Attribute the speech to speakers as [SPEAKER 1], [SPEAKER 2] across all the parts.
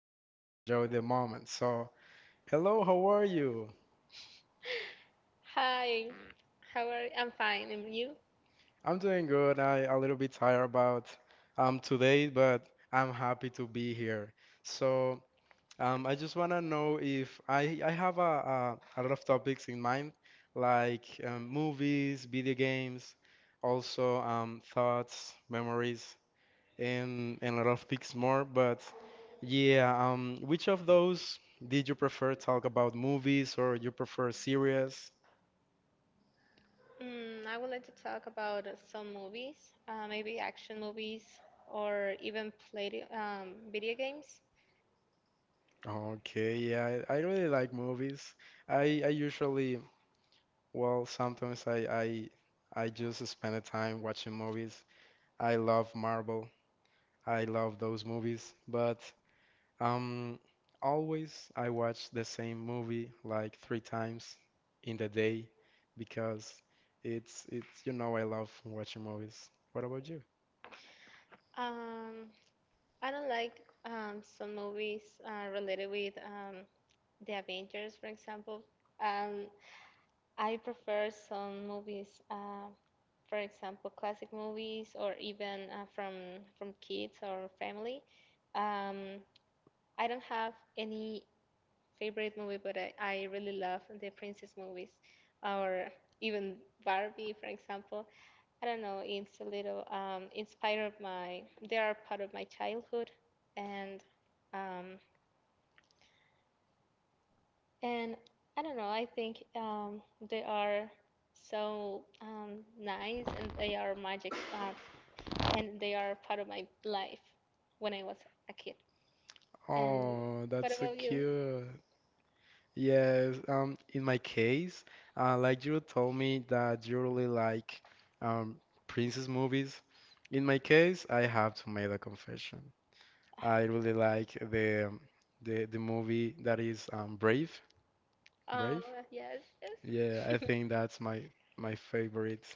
[SPEAKER 1] thinking, and enjoy the moment. So, hello, how are you?
[SPEAKER 2] Hi, how are you? I'm fine, and you?
[SPEAKER 1] I'm doing good. I a little bit tired about today, but I'm happy to be here. So, I just wanna know if I have a lot of topics in mind, like movies, video games, also thoughts, memories. And a lot of things more. But yeah, which of those did you prefer talk about movies or you prefer series?
[SPEAKER 2] I would like to talk about some movies, maybe action movies or even play video games.
[SPEAKER 1] Okay, yeah, I really like movies. I usually, well, sometimes I just spend the time watching movies. I love Marvel. I love those movies, but Um, always I watch the same movie like three times in the day because it's I love watching movies. What about you?
[SPEAKER 2] Um, I don't like some movies related with the Avengers, for example. Um, I prefer some movies, for example, classic movies or even from kids or family. Um, I don't have any favorite movie, but I really love the princess movies or even Barbie, for example. I don't know, it's a little inspired my, they are part of my childhood. And, um, and I don't know, I think they are so nice, and they are magic and they are part of my life when I was a kid. And
[SPEAKER 1] Oh,
[SPEAKER 2] what
[SPEAKER 1] that's so
[SPEAKER 2] about you?
[SPEAKER 1] cute. Yes, in my case, like you told me that you really like um, princess movies. In my case, I have to make a confession. I really like the movie that is Brave.
[SPEAKER 2] Uh,
[SPEAKER 1] Brave.
[SPEAKER 2] yes,
[SPEAKER 1] Yeah,
[SPEAKER 2] yes.
[SPEAKER 1] I think that's my favorite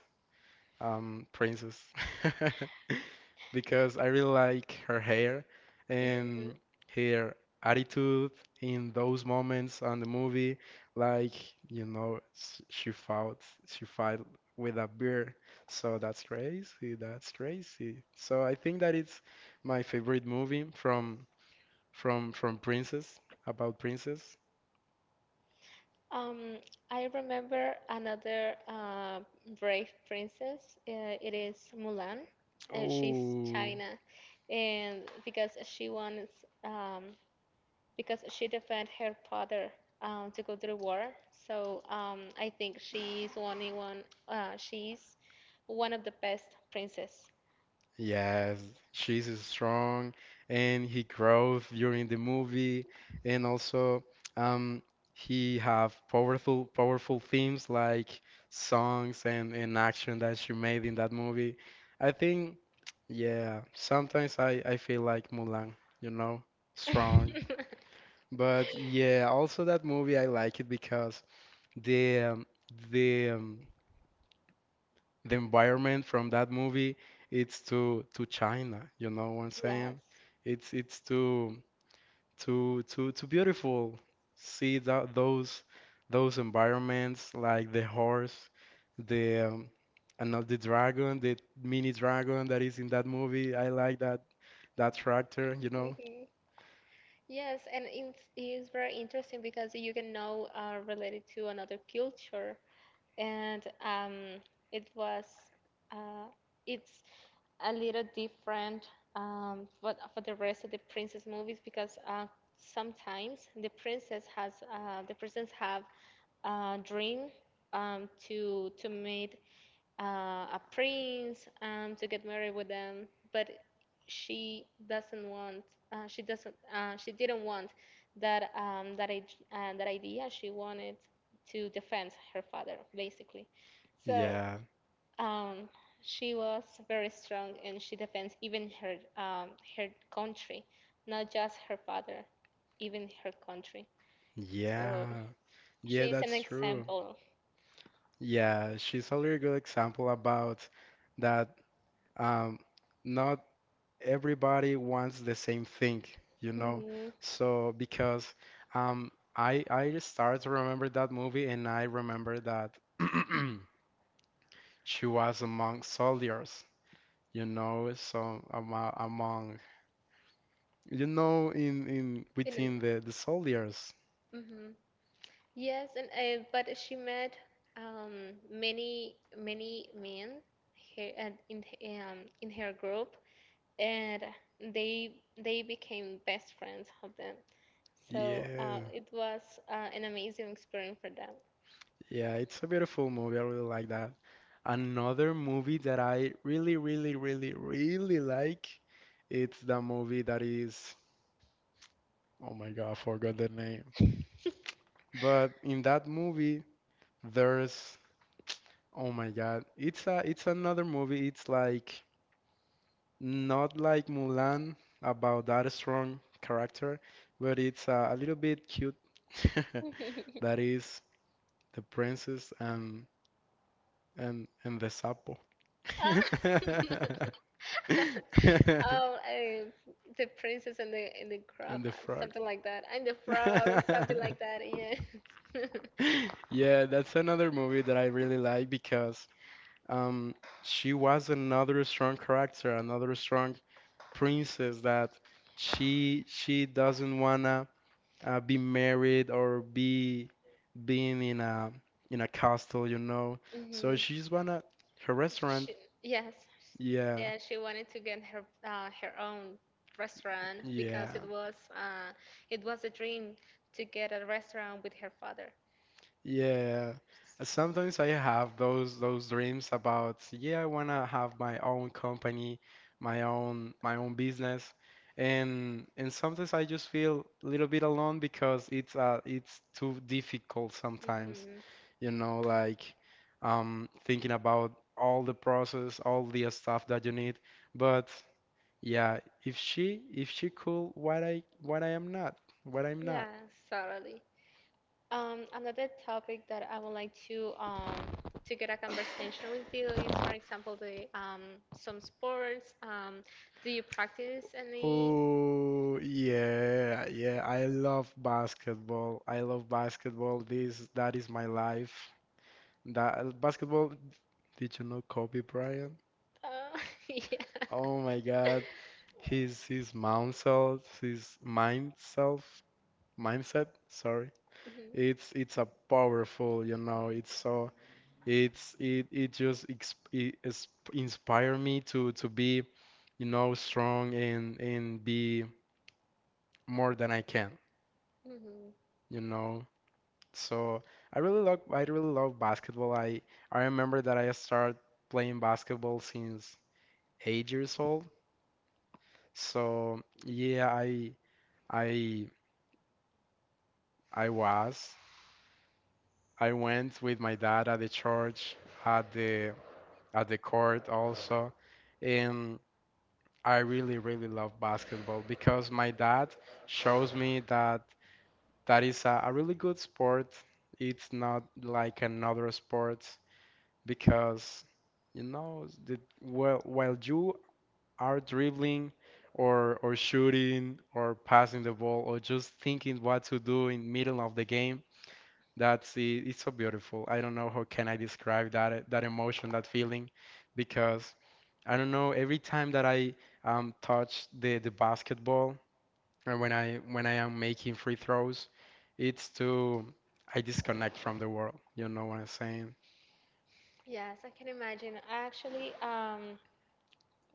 [SPEAKER 1] princess because I really like her hair
[SPEAKER 2] Mhm.
[SPEAKER 1] and her attitude in those moments on the movie. Like, you know, s- she fought she fought with a bear, so that's crazy. That's crazy. So I think that it's my favorite movie from Princess about Princess.
[SPEAKER 2] Um, I remember another brave princess. It is Mulan, and she's
[SPEAKER 1] Oh.
[SPEAKER 2] China, and because she defend her father to go to the war. So I think she's only one. She's one of the best princess.
[SPEAKER 1] Yes, she's strong and he grows during the movie and also um he have powerful powerful themes like songs and action that she made in that movie. I think yeah, sometimes I feel like Mulan, you know, strong. But yeah, also that movie I like it because the um, the um, the environment from that movie it's to China, you know what I'm saying?
[SPEAKER 2] Yes.
[SPEAKER 1] It's too too too too beautiful. See that those environments like the horse, the and not the dragon, the mini dragon that is in that movie. I like that tractor, you know?
[SPEAKER 2] Mm-hmm. Yes, and it's very interesting because you can know related to another culture, and it was uh, it's a little different for the rest of the princess movies, because sometimes the princess have a dream to meet a prince to get married with them, but she doesn't want she doesn't she didn't want that, that that idea. She wanted to defend her father basically, so
[SPEAKER 1] Yeah.
[SPEAKER 2] um, she was very strong, and she defends even her, um, her country, not just her father, even her country. So
[SPEAKER 1] Yeah.
[SPEAKER 2] she
[SPEAKER 1] Yeah,
[SPEAKER 2] is an
[SPEAKER 1] that's true.
[SPEAKER 2] example.
[SPEAKER 1] Yeah, she's a really good example about that um not everybody wants the same thing, you know? So because I just started to remember that movie and I remember that she was among soldiers, so among in within
[SPEAKER 2] Mm-hmm.
[SPEAKER 1] the soldiers.
[SPEAKER 2] Yes, and but she met many many men here and in her group, and they became best friends of them. So
[SPEAKER 1] Yeah.
[SPEAKER 2] it was an amazing experience for them.
[SPEAKER 1] Yeah, it's a beautiful movie. I really like that. Another movie that I really, really, really, really like, it's the movie that is, oh my God, I forgot the name. But in that movie, there's oh my God, it's another movie. It's like not like Mulan about that strong character, but it's a little bit cute. That is the princess and the sapo
[SPEAKER 2] Ah. Oh, the princess and the crab,
[SPEAKER 1] and the frog.
[SPEAKER 2] something like that, and the frog, something like that. Yes.
[SPEAKER 1] Yeah, that's another movie that I really like because Um, she was another strong character, another strong princess that she doesn't wanna be married or be being in a castle. So
[SPEAKER 2] hmm
[SPEAKER 1] she's wanna her restaurant.
[SPEAKER 2] She, yes,
[SPEAKER 1] Yeah,
[SPEAKER 2] yeah, she wanted to get her own restaurant because
[SPEAKER 1] yeah.
[SPEAKER 2] it was a dream to get a restaurant with her father.
[SPEAKER 1] Yeah. Sometimes I have those dreams about, yeah, I wanna have my own company, my own business. And sometimes I just feel a little bit alone because it's too difficult sometimes,
[SPEAKER 2] Hmm.
[SPEAKER 1] like thinking about all the process, all the stuff that you need. But yeah, if she cool, what I am not, what I'm not.
[SPEAKER 2] Yes, totally. Another topic that I would like to get a conversation with you is, for example, the some sports. Do you practice any?
[SPEAKER 1] Oh, yeah, yeah. I love basketball. I love basketball. That is my life. That basketball. Did you know Kobe Bryant?
[SPEAKER 2] Uh, yeah.
[SPEAKER 1] Oh my God. His mindset, his mind self, mindset. Sorry.
[SPEAKER 2] Mhm.
[SPEAKER 1] It's a powerful. It just inspire me to be, strong and be more than I can,
[SPEAKER 2] Mhm.
[SPEAKER 1] you know. So I really love basketball. I remember that I started playing basketball since 8 years old. So yeah, I I was. I went with my dad at the church, at the court also, and I really really love basketball because my dad shows me that that is a really good sport. It's not like another sport. Because while you are dribbling or shooting or passing the ball or just thinking what to do in middle of the game, that's it. It's so beautiful. I don't know how can I describe that emotion, that feeling, because I don't know every time that I touch the basketball and when I am making free throws, it's to I disconnect from the world. You know what I'm saying?
[SPEAKER 2] Yes, I can imagine. Actually,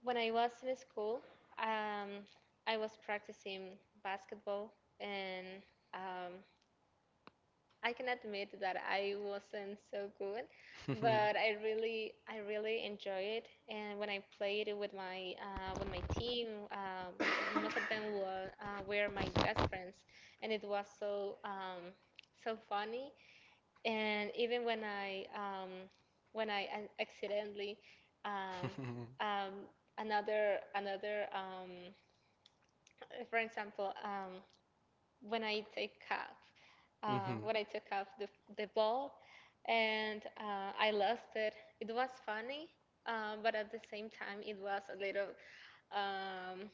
[SPEAKER 2] when I was in school, um, I was practicing basketball, and um, I can admit that I wasn't so good, but I really, I really enjoy it. And when I played it with my team, most of them were my best friends, and it was so funny. And even when when I accidentally, um, um, another, another, um, for example, when I take off,
[SPEAKER 1] hmm
[SPEAKER 2] when I took off the ball, and I lost it. It was funny, but at the same time, it was a little, um,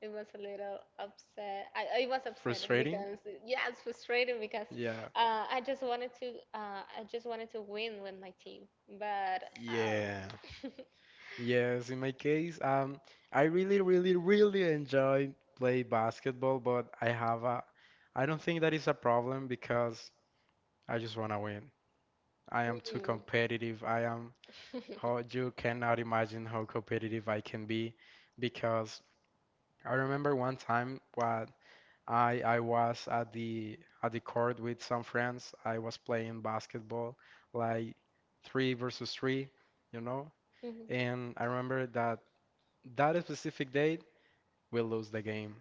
[SPEAKER 2] it was a little upset. I was upset
[SPEAKER 1] Frustrating?
[SPEAKER 2] because, yeah, it's frustrating because
[SPEAKER 1] Yeah.
[SPEAKER 2] I just wanted to, I just wanted to win with my team, but
[SPEAKER 1] Yeah.
[SPEAKER 2] oh.
[SPEAKER 1] Yes, in my case, I really, really, really enjoy play basketball, but I don't think that is a problem because I just want to win. I am too
[SPEAKER 2] Mm.
[SPEAKER 1] competitive. I am how you cannot imagine how competitive I can be because I remember one time what I was at the court with some friends. I was playing basketball, like three versus three, you know.
[SPEAKER 2] Mhm.
[SPEAKER 1] And I remember that that specific date we lose the game.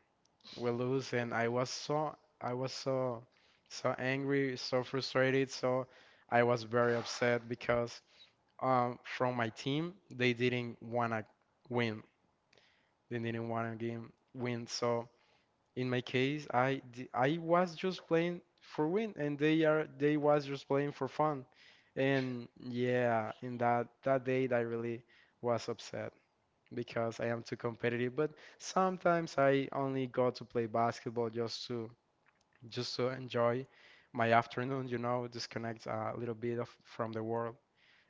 [SPEAKER 1] We lose, and I was so so angry, so frustrated. So I was very upset because from my team they didn't wanna win. They didn't wanna game win. So. In my case, I was just playing for win, and they was just playing for fun, and yeah, in that day I really was upset because I am too competitive. But sometimes I only go to play basketball just to enjoy my afternoon, disconnect a little bit of from the world,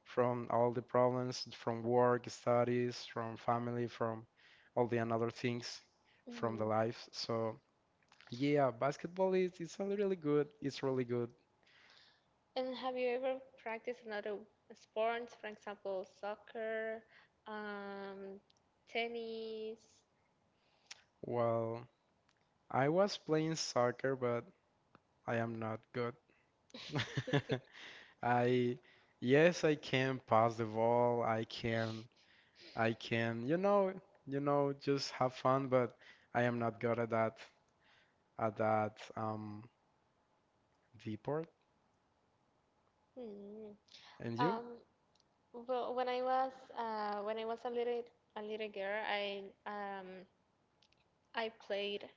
[SPEAKER 1] from all the problems, from work, studies, from family, from all the another things from
[SPEAKER 2] Mm.
[SPEAKER 1] the life. So. Yeah, basketball is it's really really good. It's really good.
[SPEAKER 2] And have you ever practiced another sports, for example, soccer, um, tennis?
[SPEAKER 1] Well, I was playing soccer, but I am not good. I yes, I can pass the ball. I can, just have fun, but I am not good at that deport.
[SPEAKER 2] Mm.
[SPEAKER 1] And you?
[SPEAKER 2] Um, well, when I was a little girl, I played.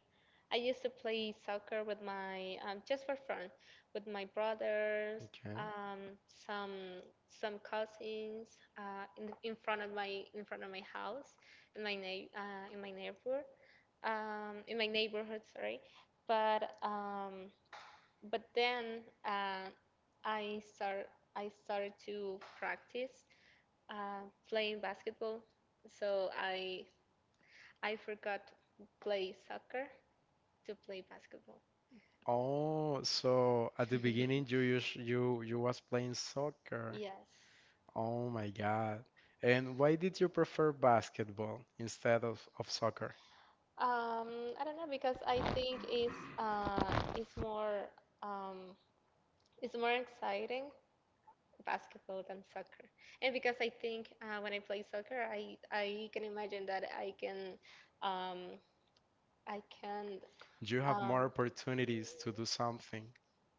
[SPEAKER 2] I used to play soccer with my just for fun with my brothers,
[SPEAKER 1] Okay.
[SPEAKER 2] um, some some cousins, in front of my house, in my neigh uh, in my neighbor in my neighborhood. Sorry, but but then, I start I started to practice uh, playing basketball, so I forgot to play soccer to play basketball.
[SPEAKER 1] Oh, so at the beginning you used you you was playing soccer.
[SPEAKER 2] Yes.
[SPEAKER 1] Oh my God. And why did you prefer basketball instead of soccer?
[SPEAKER 2] Um, I don't know, because I think um it's more exciting basketball than soccer. And because I think when I play soccer, I can imagine that um I can
[SPEAKER 1] You have
[SPEAKER 2] um
[SPEAKER 1] more opportunities to do something.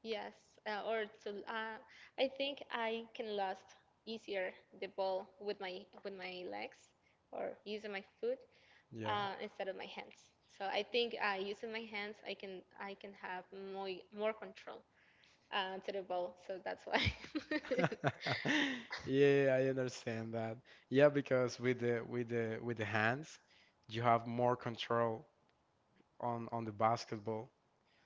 [SPEAKER 2] Yes, or to I think I can last easier the ball with my legs, or using my foot
[SPEAKER 1] Yeah.
[SPEAKER 2] instead of my hands. So I think using my hands, I can have more more control to the ball. So that's why
[SPEAKER 1] Yeah, I understand that. Yeah, because with the hands, you have more control on the basketball.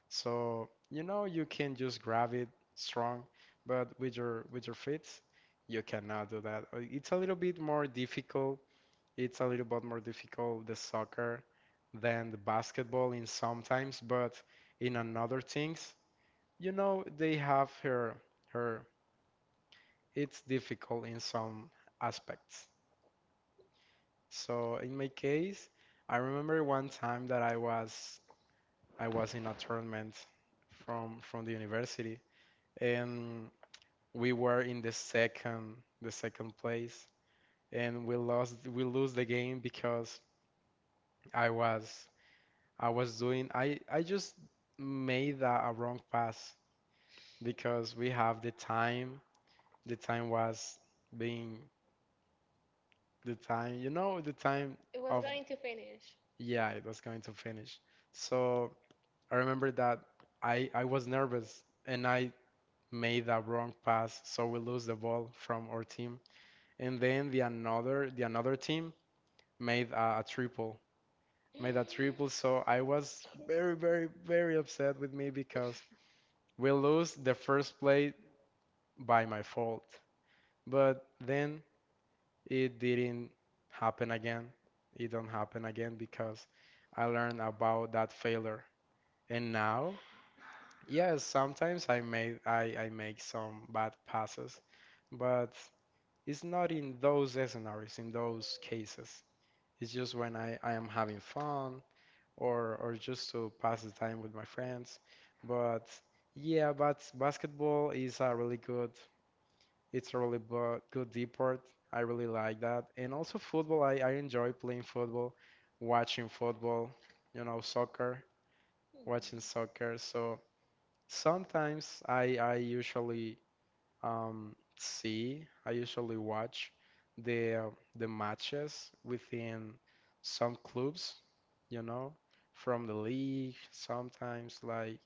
[SPEAKER 1] So, you can just grab it strong, but with your feet, you cannot do that. It's a little bit more difficult, it's a little bit more difficult, the soccer, than the basketball in sometimes, but in another things, they have her it's difficult in some aspects. So in my case, I remember one time that I was in a tournament from the university and we were in the second place and we lose the game because I was I was doing, I just made a wrong pass because we have the time. The time was being the time,
[SPEAKER 2] it was
[SPEAKER 1] of,
[SPEAKER 2] going to finish.
[SPEAKER 1] yeah, it was going to finish. So I remember that I was nervous and I made a wrong pass. So we lose the ball from our team. And then the another team made a triple, made a triple. So I was very, very, very upset with me because we lose the first play by my fault, but then it didn't happen again. It don't happen again because I learned about that failure. And now, yes, sometimes I make some bad passes, but it's not in those scenarios, in those cases. It's just when I am having fun or just to pass the time with my friends. But yeah, but basketball is a really good deport. I really like that. And also football, I enjoy playing football, watching football, soccer, watching soccer. So sometimes I usually watch the matches within some clubs, you know, from the league. Sometimes like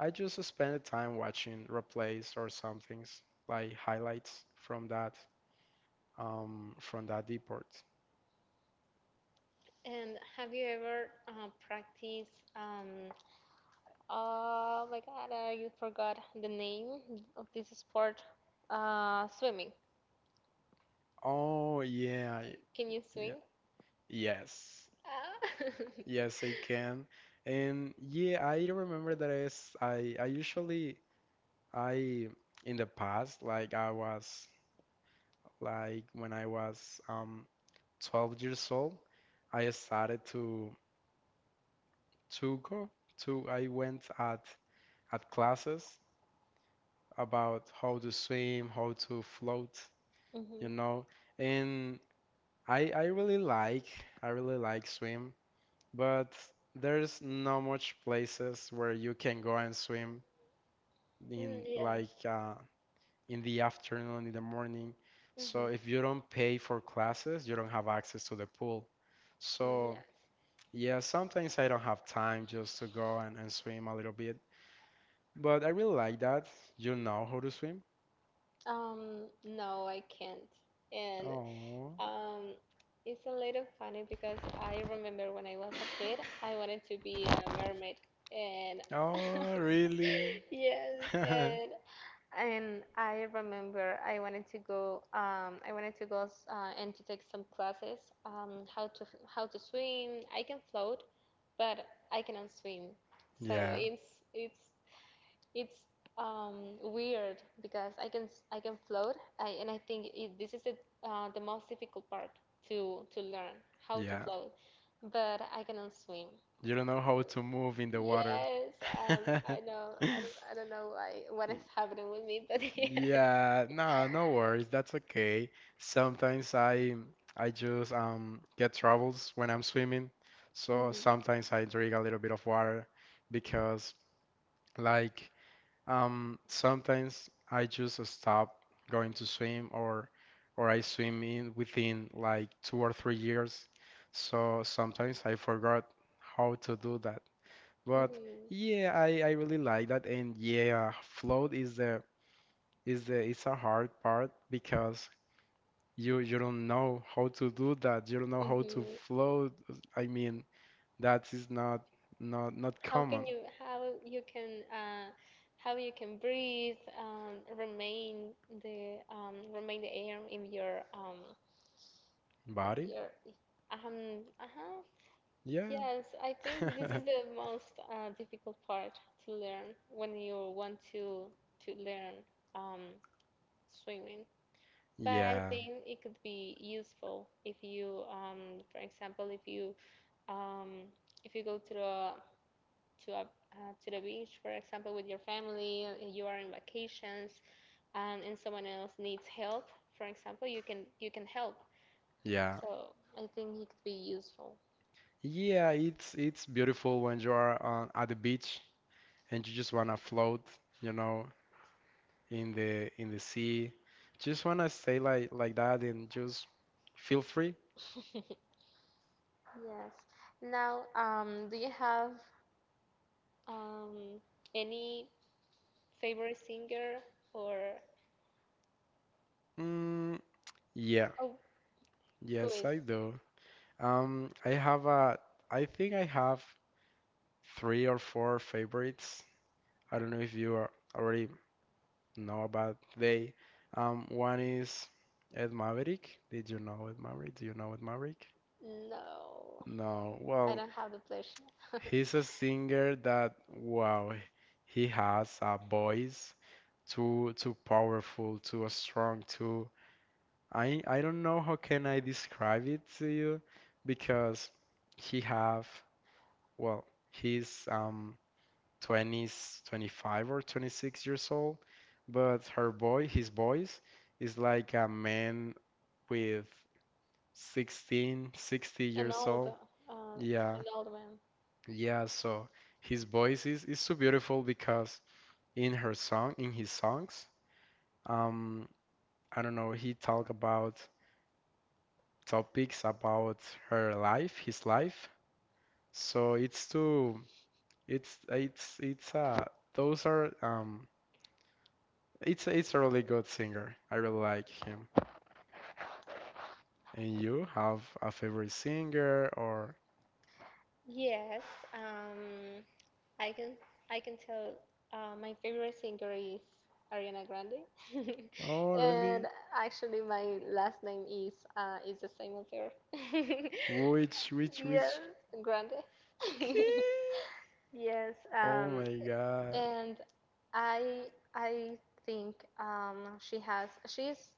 [SPEAKER 1] I just spend the time watching replays or some things like highlights from that deport.
[SPEAKER 2] And have you ever practiced? Oh my God, I forgot the name of this sport. Swimming.
[SPEAKER 1] Oh, yeah,
[SPEAKER 2] Can you
[SPEAKER 1] yeah,
[SPEAKER 2] swing?
[SPEAKER 1] yes,
[SPEAKER 2] Ah.
[SPEAKER 1] yes, I can. And yeah, I remember that is I usually I in the past, like I was like when I was 12 years old, I started to go to I went at classes about how to swim, how to float, you
[SPEAKER 2] Mhm.
[SPEAKER 1] know, and I I really like I really like swim, but there's not much places where you can go and swim
[SPEAKER 2] Mm,
[SPEAKER 1] in
[SPEAKER 2] yes.
[SPEAKER 1] like in the afternoon, in the morning. So
[SPEAKER 2] Mhm.
[SPEAKER 1] if you don't pay for classes, you don't have access to the pool.
[SPEAKER 2] Mm,
[SPEAKER 1] So
[SPEAKER 2] yes.
[SPEAKER 1] yeah, sometimes I don't have time just to go and swim a little bit. But I really like that. You know how to swim?
[SPEAKER 2] No, I can't. And
[SPEAKER 1] Oh,
[SPEAKER 2] um, it's a little funny because I remember when I was a kid, I wanted to be a mermaid. And
[SPEAKER 1] oh, really?
[SPEAKER 2] yes, And I remember I wanted to go. I wanted to go and to take some classes. How to swim. I can float, but I cannot swim. So
[SPEAKER 1] Yeah,
[SPEAKER 2] it's weird because I can float. And I think this is the most difficult part to learn, how to
[SPEAKER 1] yeah.
[SPEAKER 2] float, but I cannot swim.
[SPEAKER 1] You don't know how to move in the water.
[SPEAKER 2] Yes, um, I know. I don't know why, what is happening with me, but yes.
[SPEAKER 1] Yeah, no, no worries. That's okay. Sometimes I just get troubles when I'm swimming. So
[SPEAKER 2] Mhm.
[SPEAKER 1] sometimes I drink a little bit of water because like sometimes I just stop going to swim or I swim in within like 2 or 3 years. So sometimes I forgot how to do that. But
[SPEAKER 2] Mhm.
[SPEAKER 1] yeah, I really like that, and yeah, float is the it's a hard part because you don't know how to do that. You don't know how to
[SPEAKER 2] Mhm.
[SPEAKER 1] float. I mean, that is not not
[SPEAKER 2] How
[SPEAKER 1] common.
[SPEAKER 2] can you how you can uh, how you can breathe, remain the air in your um
[SPEAKER 1] Body?
[SPEAKER 2] in your um Uh-huh, uh-huh.
[SPEAKER 1] Yeah.
[SPEAKER 2] Yes, I think this is the most difficult part to learn when you want to learn um, swimming. But I
[SPEAKER 1] Yeah,
[SPEAKER 2] think it could be useful if you, for example, um, if you go to the beach, for example, with your family, you are in vacations, and someone else needs help. For example, you can help.
[SPEAKER 1] yeah.
[SPEAKER 2] So I think it could be useful.
[SPEAKER 1] Yeah, it's beautiful when you are on at the beach and you just wanna float, you know, in the sea. Just wanna stay like that and just feel free.
[SPEAKER 2] Yes. Now, do you have um, any favorite singer, or
[SPEAKER 1] Mm, yeah,
[SPEAKER 2] oh, who
[SPEAKER 1] yes,
[SPEAKER 2] is?
[SPEAKER 1] I do. I have a, I think I have three or four favorites. I don't know if you are, already know about they. One is Ed Maverick. Did you know Ed Maverick? Do you know Ed Maverick?
[SPEAKER 2] No,
[SPEAKER 1] No.
[SPEAKER 2] I
[SPEAKER 1] Well,
[SPEAKER 2] don't have the pleasure.
[SPEAKER 1] he's a singer that, wow, he has a voice too powerful, too strong, too I don't know how can I describe it to you because he have well he's 20s 25 or 26 years old, but her boy his voice is like a man with 16 60
[SPEAKER 2] An
[SPEAKER 1] years
[SPEAKER 2] old,
[SPEAKER 1] old.
[SPEAKER 2] uh,
[SPEAKER 1] Yeah,
[SPEAKER 2] an old one.
[SPEAKER 1] yeah. So his voice is so beautiful because in her song in his songs, um I don't know, he talk about topics about her life, his life. So it's too, it's those are it's a really good singer. I really like him. And you have a favorite singer or
[SPEAKER 2] Yes, um, I can I can tell, my favorite singer is Ariana Grande,
[SPEAKER 1] oh really?
[SPEAKER 2] and actually my last name is the same as her.
[SPEAKER 1] Which
[SPEAKER 2] Yes,
[SPEAKER 1] which?
[SPEAKER 2] Grande.
[SPEAKER 1] Key?
[SPEAKER 2] Yes,
[SPEAKER 1] Oh my God.
[SPEAKER 2] and I I think she has she's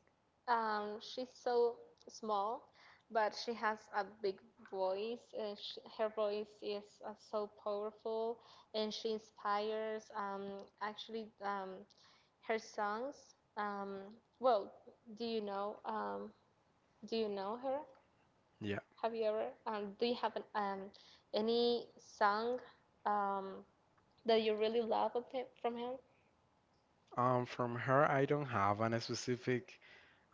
[SPEAKER 2] um, she's so small, but she has a big voice. And sh her voice is so powerful, and she inspires. Actually, her songs. Well, do you know? Do you know her?
[SPEAKER 1] Yeah.
[SPEAKER 2] Have you ever? Do you have any song, Um, that you really love of him, from him?
[SPEAKER 1] From her, I don't have an specific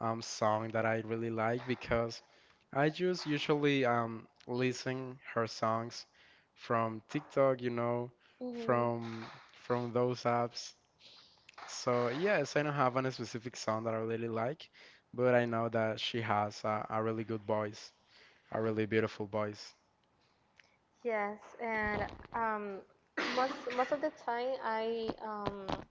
[SPEAKER 1] song that I really like because I just usually listen her songs from TikTok, you know,
[SPEAKER 2] Hmm.
[SPEAKER 1] from from those apps. So yes, I don't have any specific song that I really like, but I know that she has a really good voice, a really beautiful voice.
[SPEAKER 2] Yes, and um, most of the time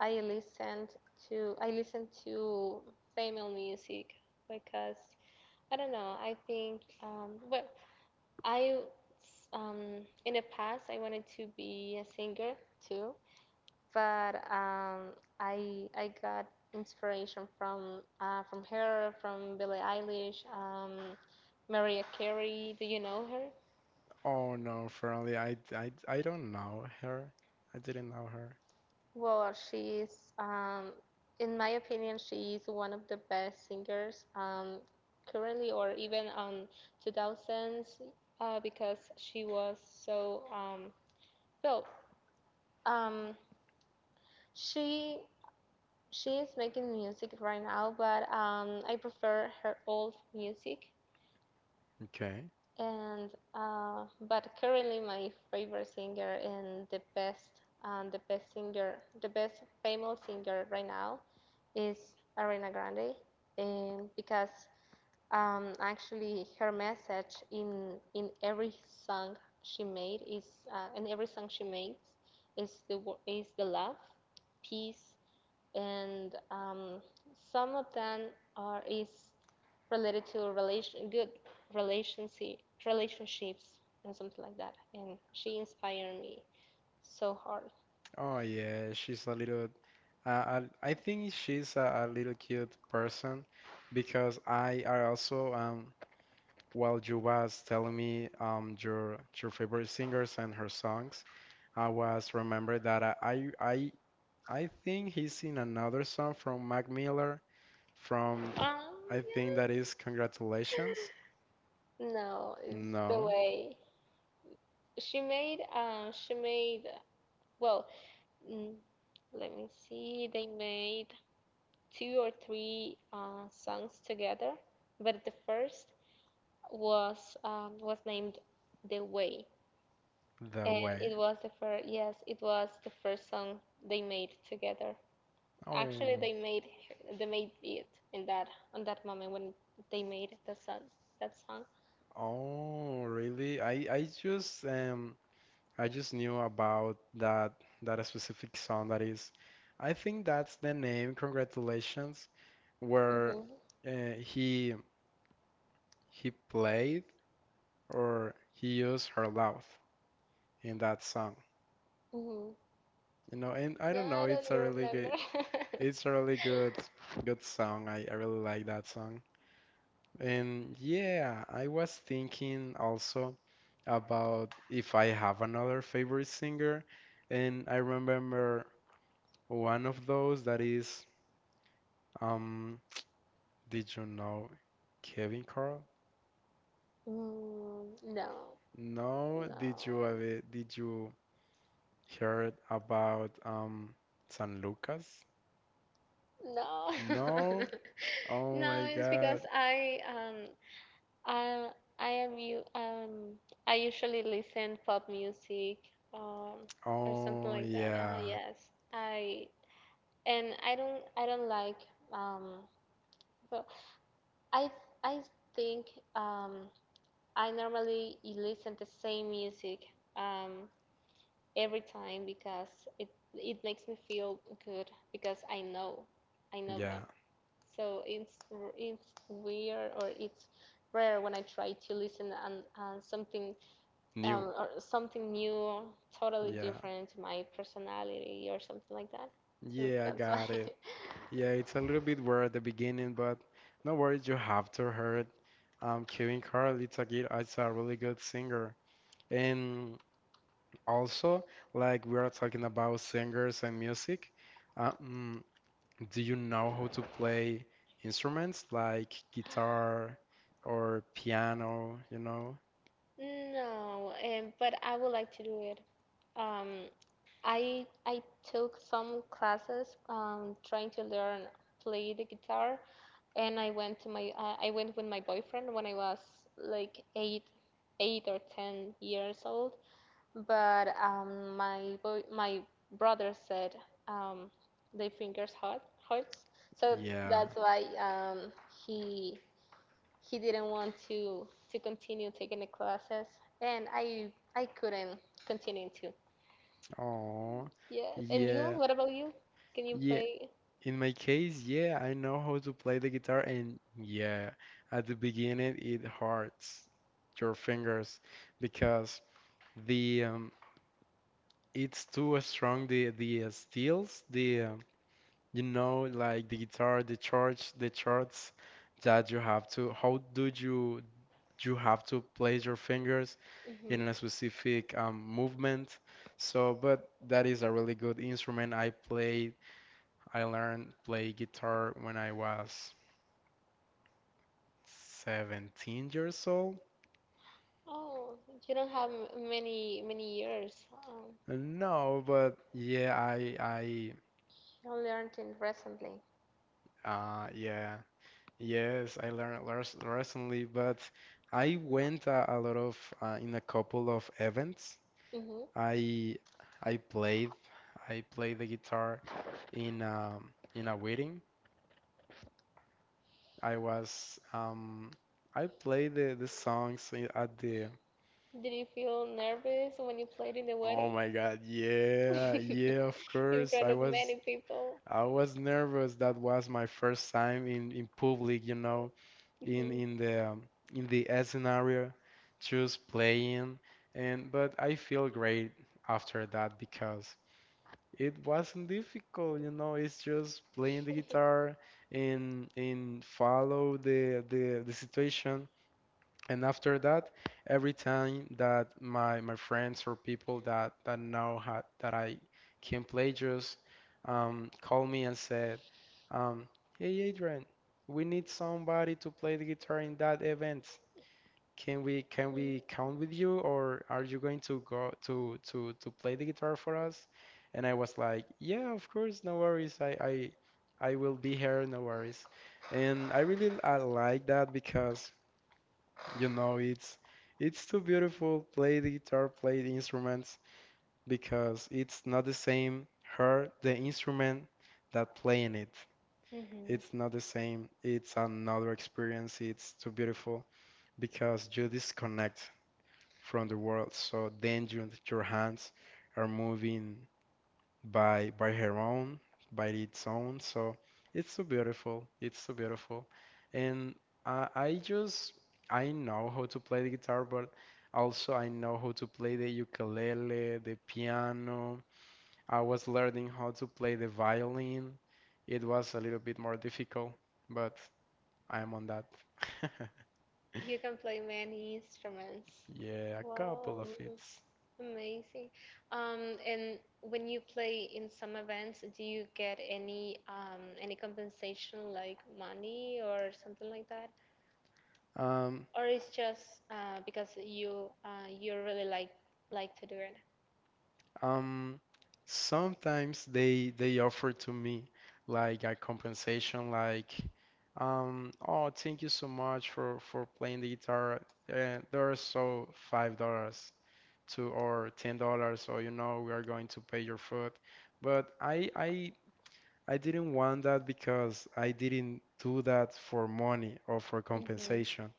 [SPEAKER 2] I listened I listen to female music, because I don't know, I think well, I in the past I wanted to be a singer too, but I got inspiration from her, from Billie Eilish, Mariah Carey. Do you know her?
[SPEAKER 1] Oh no, Fairly, I don't know her. I didn't know her.
[SPEAKER 2] Well, she's in my opinion, she's one of the best singers currently, or even on 2000s, because she was so, well. Um, she she is making music right now, but I prefer her old music.
[SPEAKER 1] Okay.
[SPEAKER 2] And but currently, my favorite singer and the best singer, the best female singer right now is Ariana Grande, and because, actually, her message in every song she made is in every song she makes is the love, peace, and some of them are is related to relation, good relationship relationships, and something like that, and she inspired me so hard.
[SPEAKER 1] Oh yeah, she's a little. Uh, I think she's a little cute person because I are also while you was telling me your favorite singers and her songs, I was remember that I think he's in another song from Mac Miller from
[SPEAKER 2] Oh,
[SPEAKER 1] I think that
[SPEAKER 2] yeah,
[SPEAKER 1] is Congratulations.
[SPEAKER 2] no, it's the
[SPEAKER 1] No,
[SPEAKER 2] way she made. Well, mm, let me see, they made two or three songs together, but the first was named The Way,
[SPEAKER 1] The
[SPEAKER 2] and
[SPEAKER 1] Way.
[SPEAKER 2] it was the first, yes, it was the first song they made together.
[SPEAKER 1] Oh.
[SPEAKER 2] Actually, they made it in that on that moment when they made the song that song.
[SPEAKER 1] Oh, really? I just I just knew about that that specific song that is, I think that's the name, Congratulations, where
[SPEAKER 2] Hmm.
[SPEAKER 1] uh, he he played or he used her mouth in that song.
[SPEAKER 2] Hmm.
[SPEAKER 1] You know, and I
[SPEAKER 2] No,
[SPEAKER 1] don't know,
[SPEAKER 2] I
[SPEAKER 1] it's a
[SPEAKER 2] don't
[SPEAKER 1] really
[SPEAKER 2] remember.
[SPEAKER 1] good it's a really good good song. I really like that song. And yeah, I was thinking also about if I have another favorite singer, and I remember one of those that is. Um, did you know Kevin Carl?
[SPEAKER 2] Mm, no,
[SPEAKER 1] No,
[SPEAKER 2] no,
[SPEAKER 1] did you ever did you heard about San Lucas?
[SPEAKER 2] no.
[SPEAKER 1] No? Oh my
[SPEAKER 2] No, it's because
[SPEAKER 1] God.
[SPEAKER 2] Uh, I am you. I usually listen pop music, um, or something
[SPEAKER 1] Oh
[SPEAKER 2] like that.
[SPEAKER 1] yeah.
[SPEAKER 2] Yes, I and I don't. I don't like. Um, but I I think um, I normally listen the same music um, every time, because it it makes me feel good because I know
[SPEAKER 1] Yeah.
[SPEAKER 2] them. So it's weird, or it's rare when I try to listen and something,
[SPEAKER 1] New.
[SPEAKER 2] or something new, totally
[SPEAKER 1] Yeah.
[SPEAKER 2] different to my personality or something like that. So
[SPEAKER 1] Yeah, I
[SPEAKER 2] that's why.
[SPEAKER 1] got it. Yeah, it's a little bit weird at the beginning, but no worries, you have to heard Kevin Carl, it's a good, it's a really good singer. And also, like we are talking about singers and music, uh, mm, do you know how to play instruments like guitar or piano, you know?
[SPEAKER 2] No, but I would like to do it. Um, I took some classes, trying to learn play the guitar, and I went with my boyfriend when I was like eight or ten years old, but my brother said, um, the fingers hurts, so
[SPEAKER 1] Yeah.
[SPEAKER 2] that's why he he didn't want to continue taking the classes, and I couldn't continue to.
[SPEAKER 1] Oh,
[SPEAKER 2] Yes, and you?
[SPEAKER 1] yeah.
[SPEAKER 2] What about you? Can you
[SPEAKER 1] Yeah.
[SPEAKER 2] play?
[SPEAKER 1] In my case, yeah, I know how to play the guitar, and yeah, at the beginning it hurts your fingers because the it's too strong the steels the you know, like the guitar, the chords, that you have to. How do you you have to place your fingers
[SPEAKER 2] hmm
[SPEAKER 1] in a specific movement? So, but that is a really good instrument. I played, I learned play guitar when I was 17 years old.
[SPEAKER 2] Oh, you don't have many many years.
[SPEAKER 1] No, but yeah,
[SPEAKER 2] You learned it recently.
[SPEAKER 1] I yeah. Yes, I learned recently, but I went a lot of in a couple of events
[SPEAKER 2] hmm
[SPEAKER 1] I I played I played the guitar in a wedding. I was I played the songs at the.
[SPEAKER 2] Did you feel nervous when you played in the
[SPEAKER 1] Oh
[SPEAKER 2] wedding?
[SPEAKER 1] my God, yeah, yeah, of
[SPEAKER 2] in
[SPEAKER 1] course.
[SPEAKER 2] front of many people.
[SPEAKER 1] I was nervous. That was my first time in public, you know,
[SPEAKER 2] Mhm.
[SPEAKER 1] in the scenario, just playing and but I feel great after that because it wasn't difficult, you know, it's just playing the guitar and follow the situation. And after that, every time that my friends or people that that know how that I can play just call me and said, um, "Hey Adrian, we need somebody to play the guitar in that event. Can we count with you or are you going to go to play the guitar for us?" And I was like, yeah, of course, no worries. I will be here, no worries. And I really I like that because you know it's too beautiful play the guitar, play the instruments because it's not the same her the instrument that playing it.
[SPEAKER 2] Mhm.
[SPEAKER 1] It's not the same. It's another experience. It's too beautiful because you disconnect from the world. So then you, your hands are moving by her own, by its own. So it's so beautiful. It's so beautiful. And I just I know how to play the guitar, but also I know how to play the ukulele, the piano. I was learning how to play the violin. It was a little bit more difficult, but I'm on that.
[SPEAKER 2] You can play many instruments.
[SPEAKER 1] Yeah, a
[SPEAKER 2] Wow,
[SPEAKER 1] couple of hits.
[SPEAKER 2] amazing. And when you play in some events, do you get any compensation like money or something like that?
[SPEAKER 1] Um,
[SPEAKER 2] Or it's just because you you really like to do it.
[SPEAKER 1] Um, sometimes they offer to me like a compensation, like, oh, thank you so much for playing the guitar. There are so $5 to or $10, so you know we are going to pay your food. But I didn't want that because I didn't do that for money or for
[SPEAKER 2] Mhm.
[SPEAKER 1] compensation.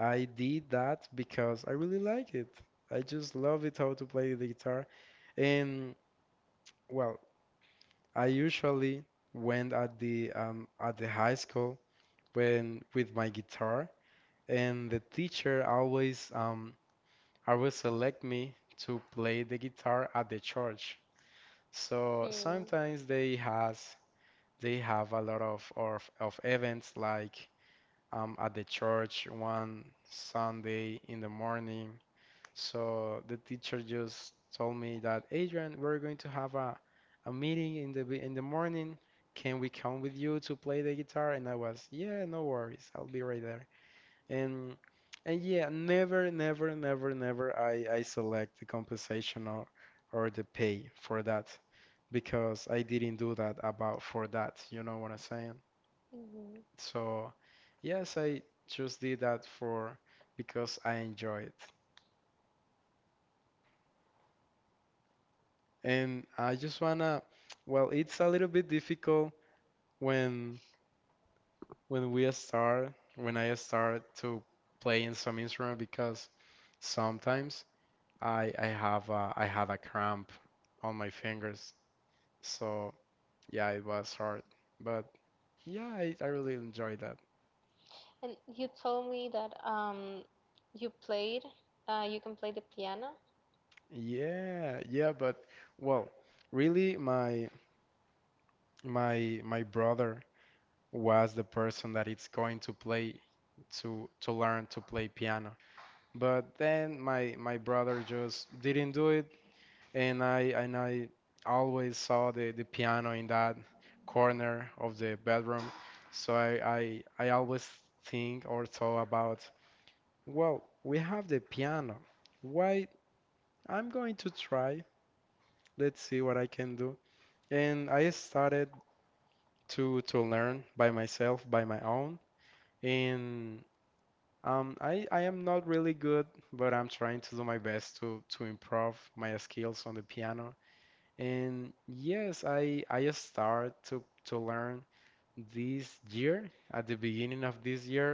[SPEAKER 1] I did that because I really like it. I just love it how to play the guitar. Well, I usually went at the high school when with my guitar, and the teacher always always select me to play the guitar at the church. So
[SPEAKER 2] Hmm.
[SPEAKER 1] sometimes they has they have a lot of of events like at the church one Sunday in the morning. So the teacher just told me that, "Adrian, we're going to have a meeting in the morning. Can we come with you to play the guitar?" And I was, yeah, no worries, I'll be right there. And and yeah, never I, I select the compensation or the pay for that because I didn't do that about for that, you know what I'm saying?
[SPEAKER 2] Mhm.
[SPEAKER 1] So yes, I just did that for because I enjoy it. And I just wanna, well, it's a little bit difficult when when we start, when I start to playing some instrument because sometimes I have a, I had a cramp on my fingers. So yeah, it was hard. But yeah, I really enjoyed that.
[SPEAKER 2] And you told me that, you played, you can play the piano,
[SPEAKER 1] Yeah, yeah, but well, really my brother was the person that it's going to play to learn to play piano. But then my brother just didn't do it, and I always saw the piano in that corner of the bedroom. So I always think or thought about, well, we have the piano. Why? I'm going to try. Let's see what I can do. And I started to learn by myself, by my own, and I am not really good, but I'm trying to do my best to improve my skills on the piano. And yes, I start to learn this year, at the beginning of this year.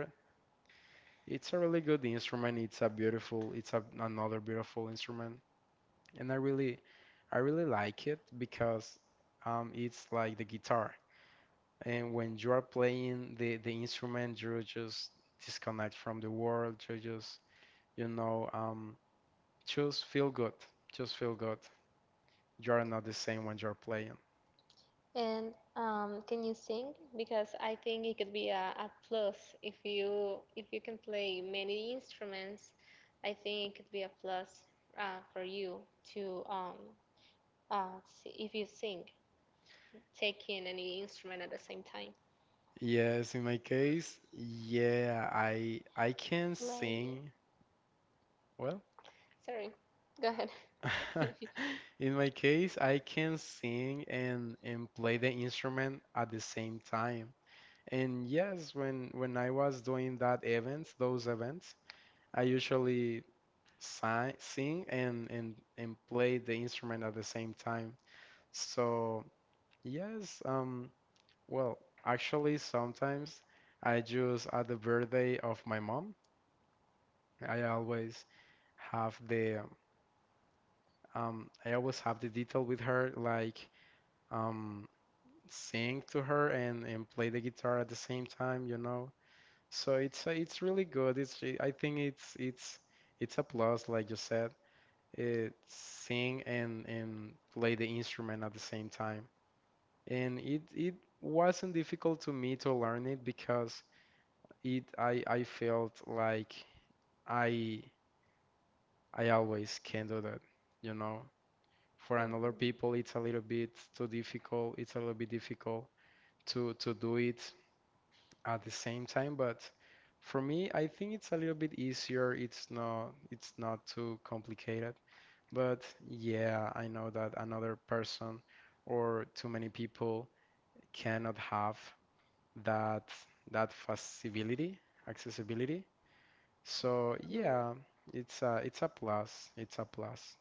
[SPEAKER 1] It's a really good instrument. It's a beautiful, it's a, another beautiful instrument, and I really like it because it's like the guitar. And when you are playing the instrument, you just disconnect from the world. You know just feel good. Just feel good. You are not the same when you're playing.
[SPEAKER 2] and can you sing? Because I think it could be a plus if you can play many instruments. I think it could be a plus, for you to if you sing, taking any instrument at the same time.
[SPEAKER 1] Yes, in my case, yeah, I can
[SPEAKER 2] Play.
[SPEAKER 1] sing. Well,
[SPEAKER 2] Sorry. Go ahead.
[SPEAKER 1] in my case, I can sing and play the instrument at the same time. And yes, when I was doing that event, those events, I usually si sing and play the instrument at the same time. So, yes, well, actually, sometimes I just at the birthday of my mom, I always have the I always have the detail with her, like um, sing to her and play the guitar at the same time, you know. So it's really good. It's I think it's it's a plus, like you said, it sing and play the instrument at the same time. And it wasn't difficult to me to learn it because it I felt like I I always can do that, you know. For another people, it's a little bit too difficult. It's a little bit difficult to do it at the same time, but for me, I think it's a little bit easier. It's not too complicated. But yeah, I know that another person or too many people cannot have that that facility, accessibility. So
[SPEAKER 2] Mhm. Mhm.
[SPEAKER 1] yeah, it's a plus. It's a plus.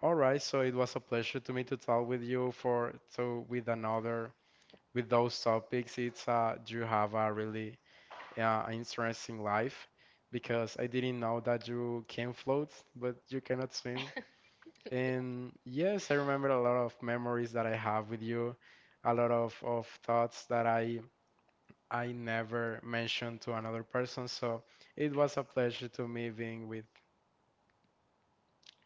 [SPEAKER 1] All right, so it was a pleasure to me to talk with you for so with another with those topics. It's you have a really interesting life because I didn't know that you can float, but you cannot swim. And yes, I remember a lot of memories that I have with you, a lot of thoughts that I never mentioned to another person. So it was a pleasure to me being with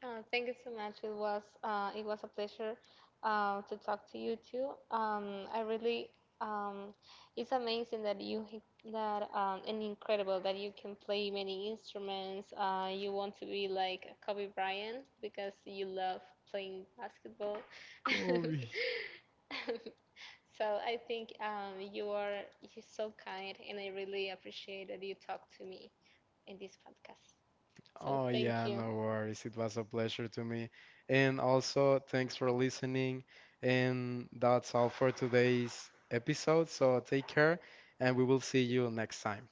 [SPEAKER 2] Thank you so much. It was a pleasure, to talk to you too. I really um, it's amazing that you h- that and incredible that you can play many instruments. You want to be like Kobe Bryant because you love playing basketball.
[SPEAKER 1] Kobe.
[SPEAKER 2] So I think you're so kind, and I really appreciate that you talk to me in this podcast. So
[SPEAKER 1] Oh,
[SPEAKER 2] thank
[SPEAKER 1] yeah,
[SPEAKER 2] you.
[SPEAKER 1] no worries. It was a pleasure to me. And also, thanks for listening. And that's all for today's episode. So take care, and we will see you next time.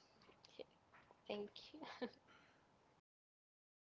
[SPEAKER 2] Thank you.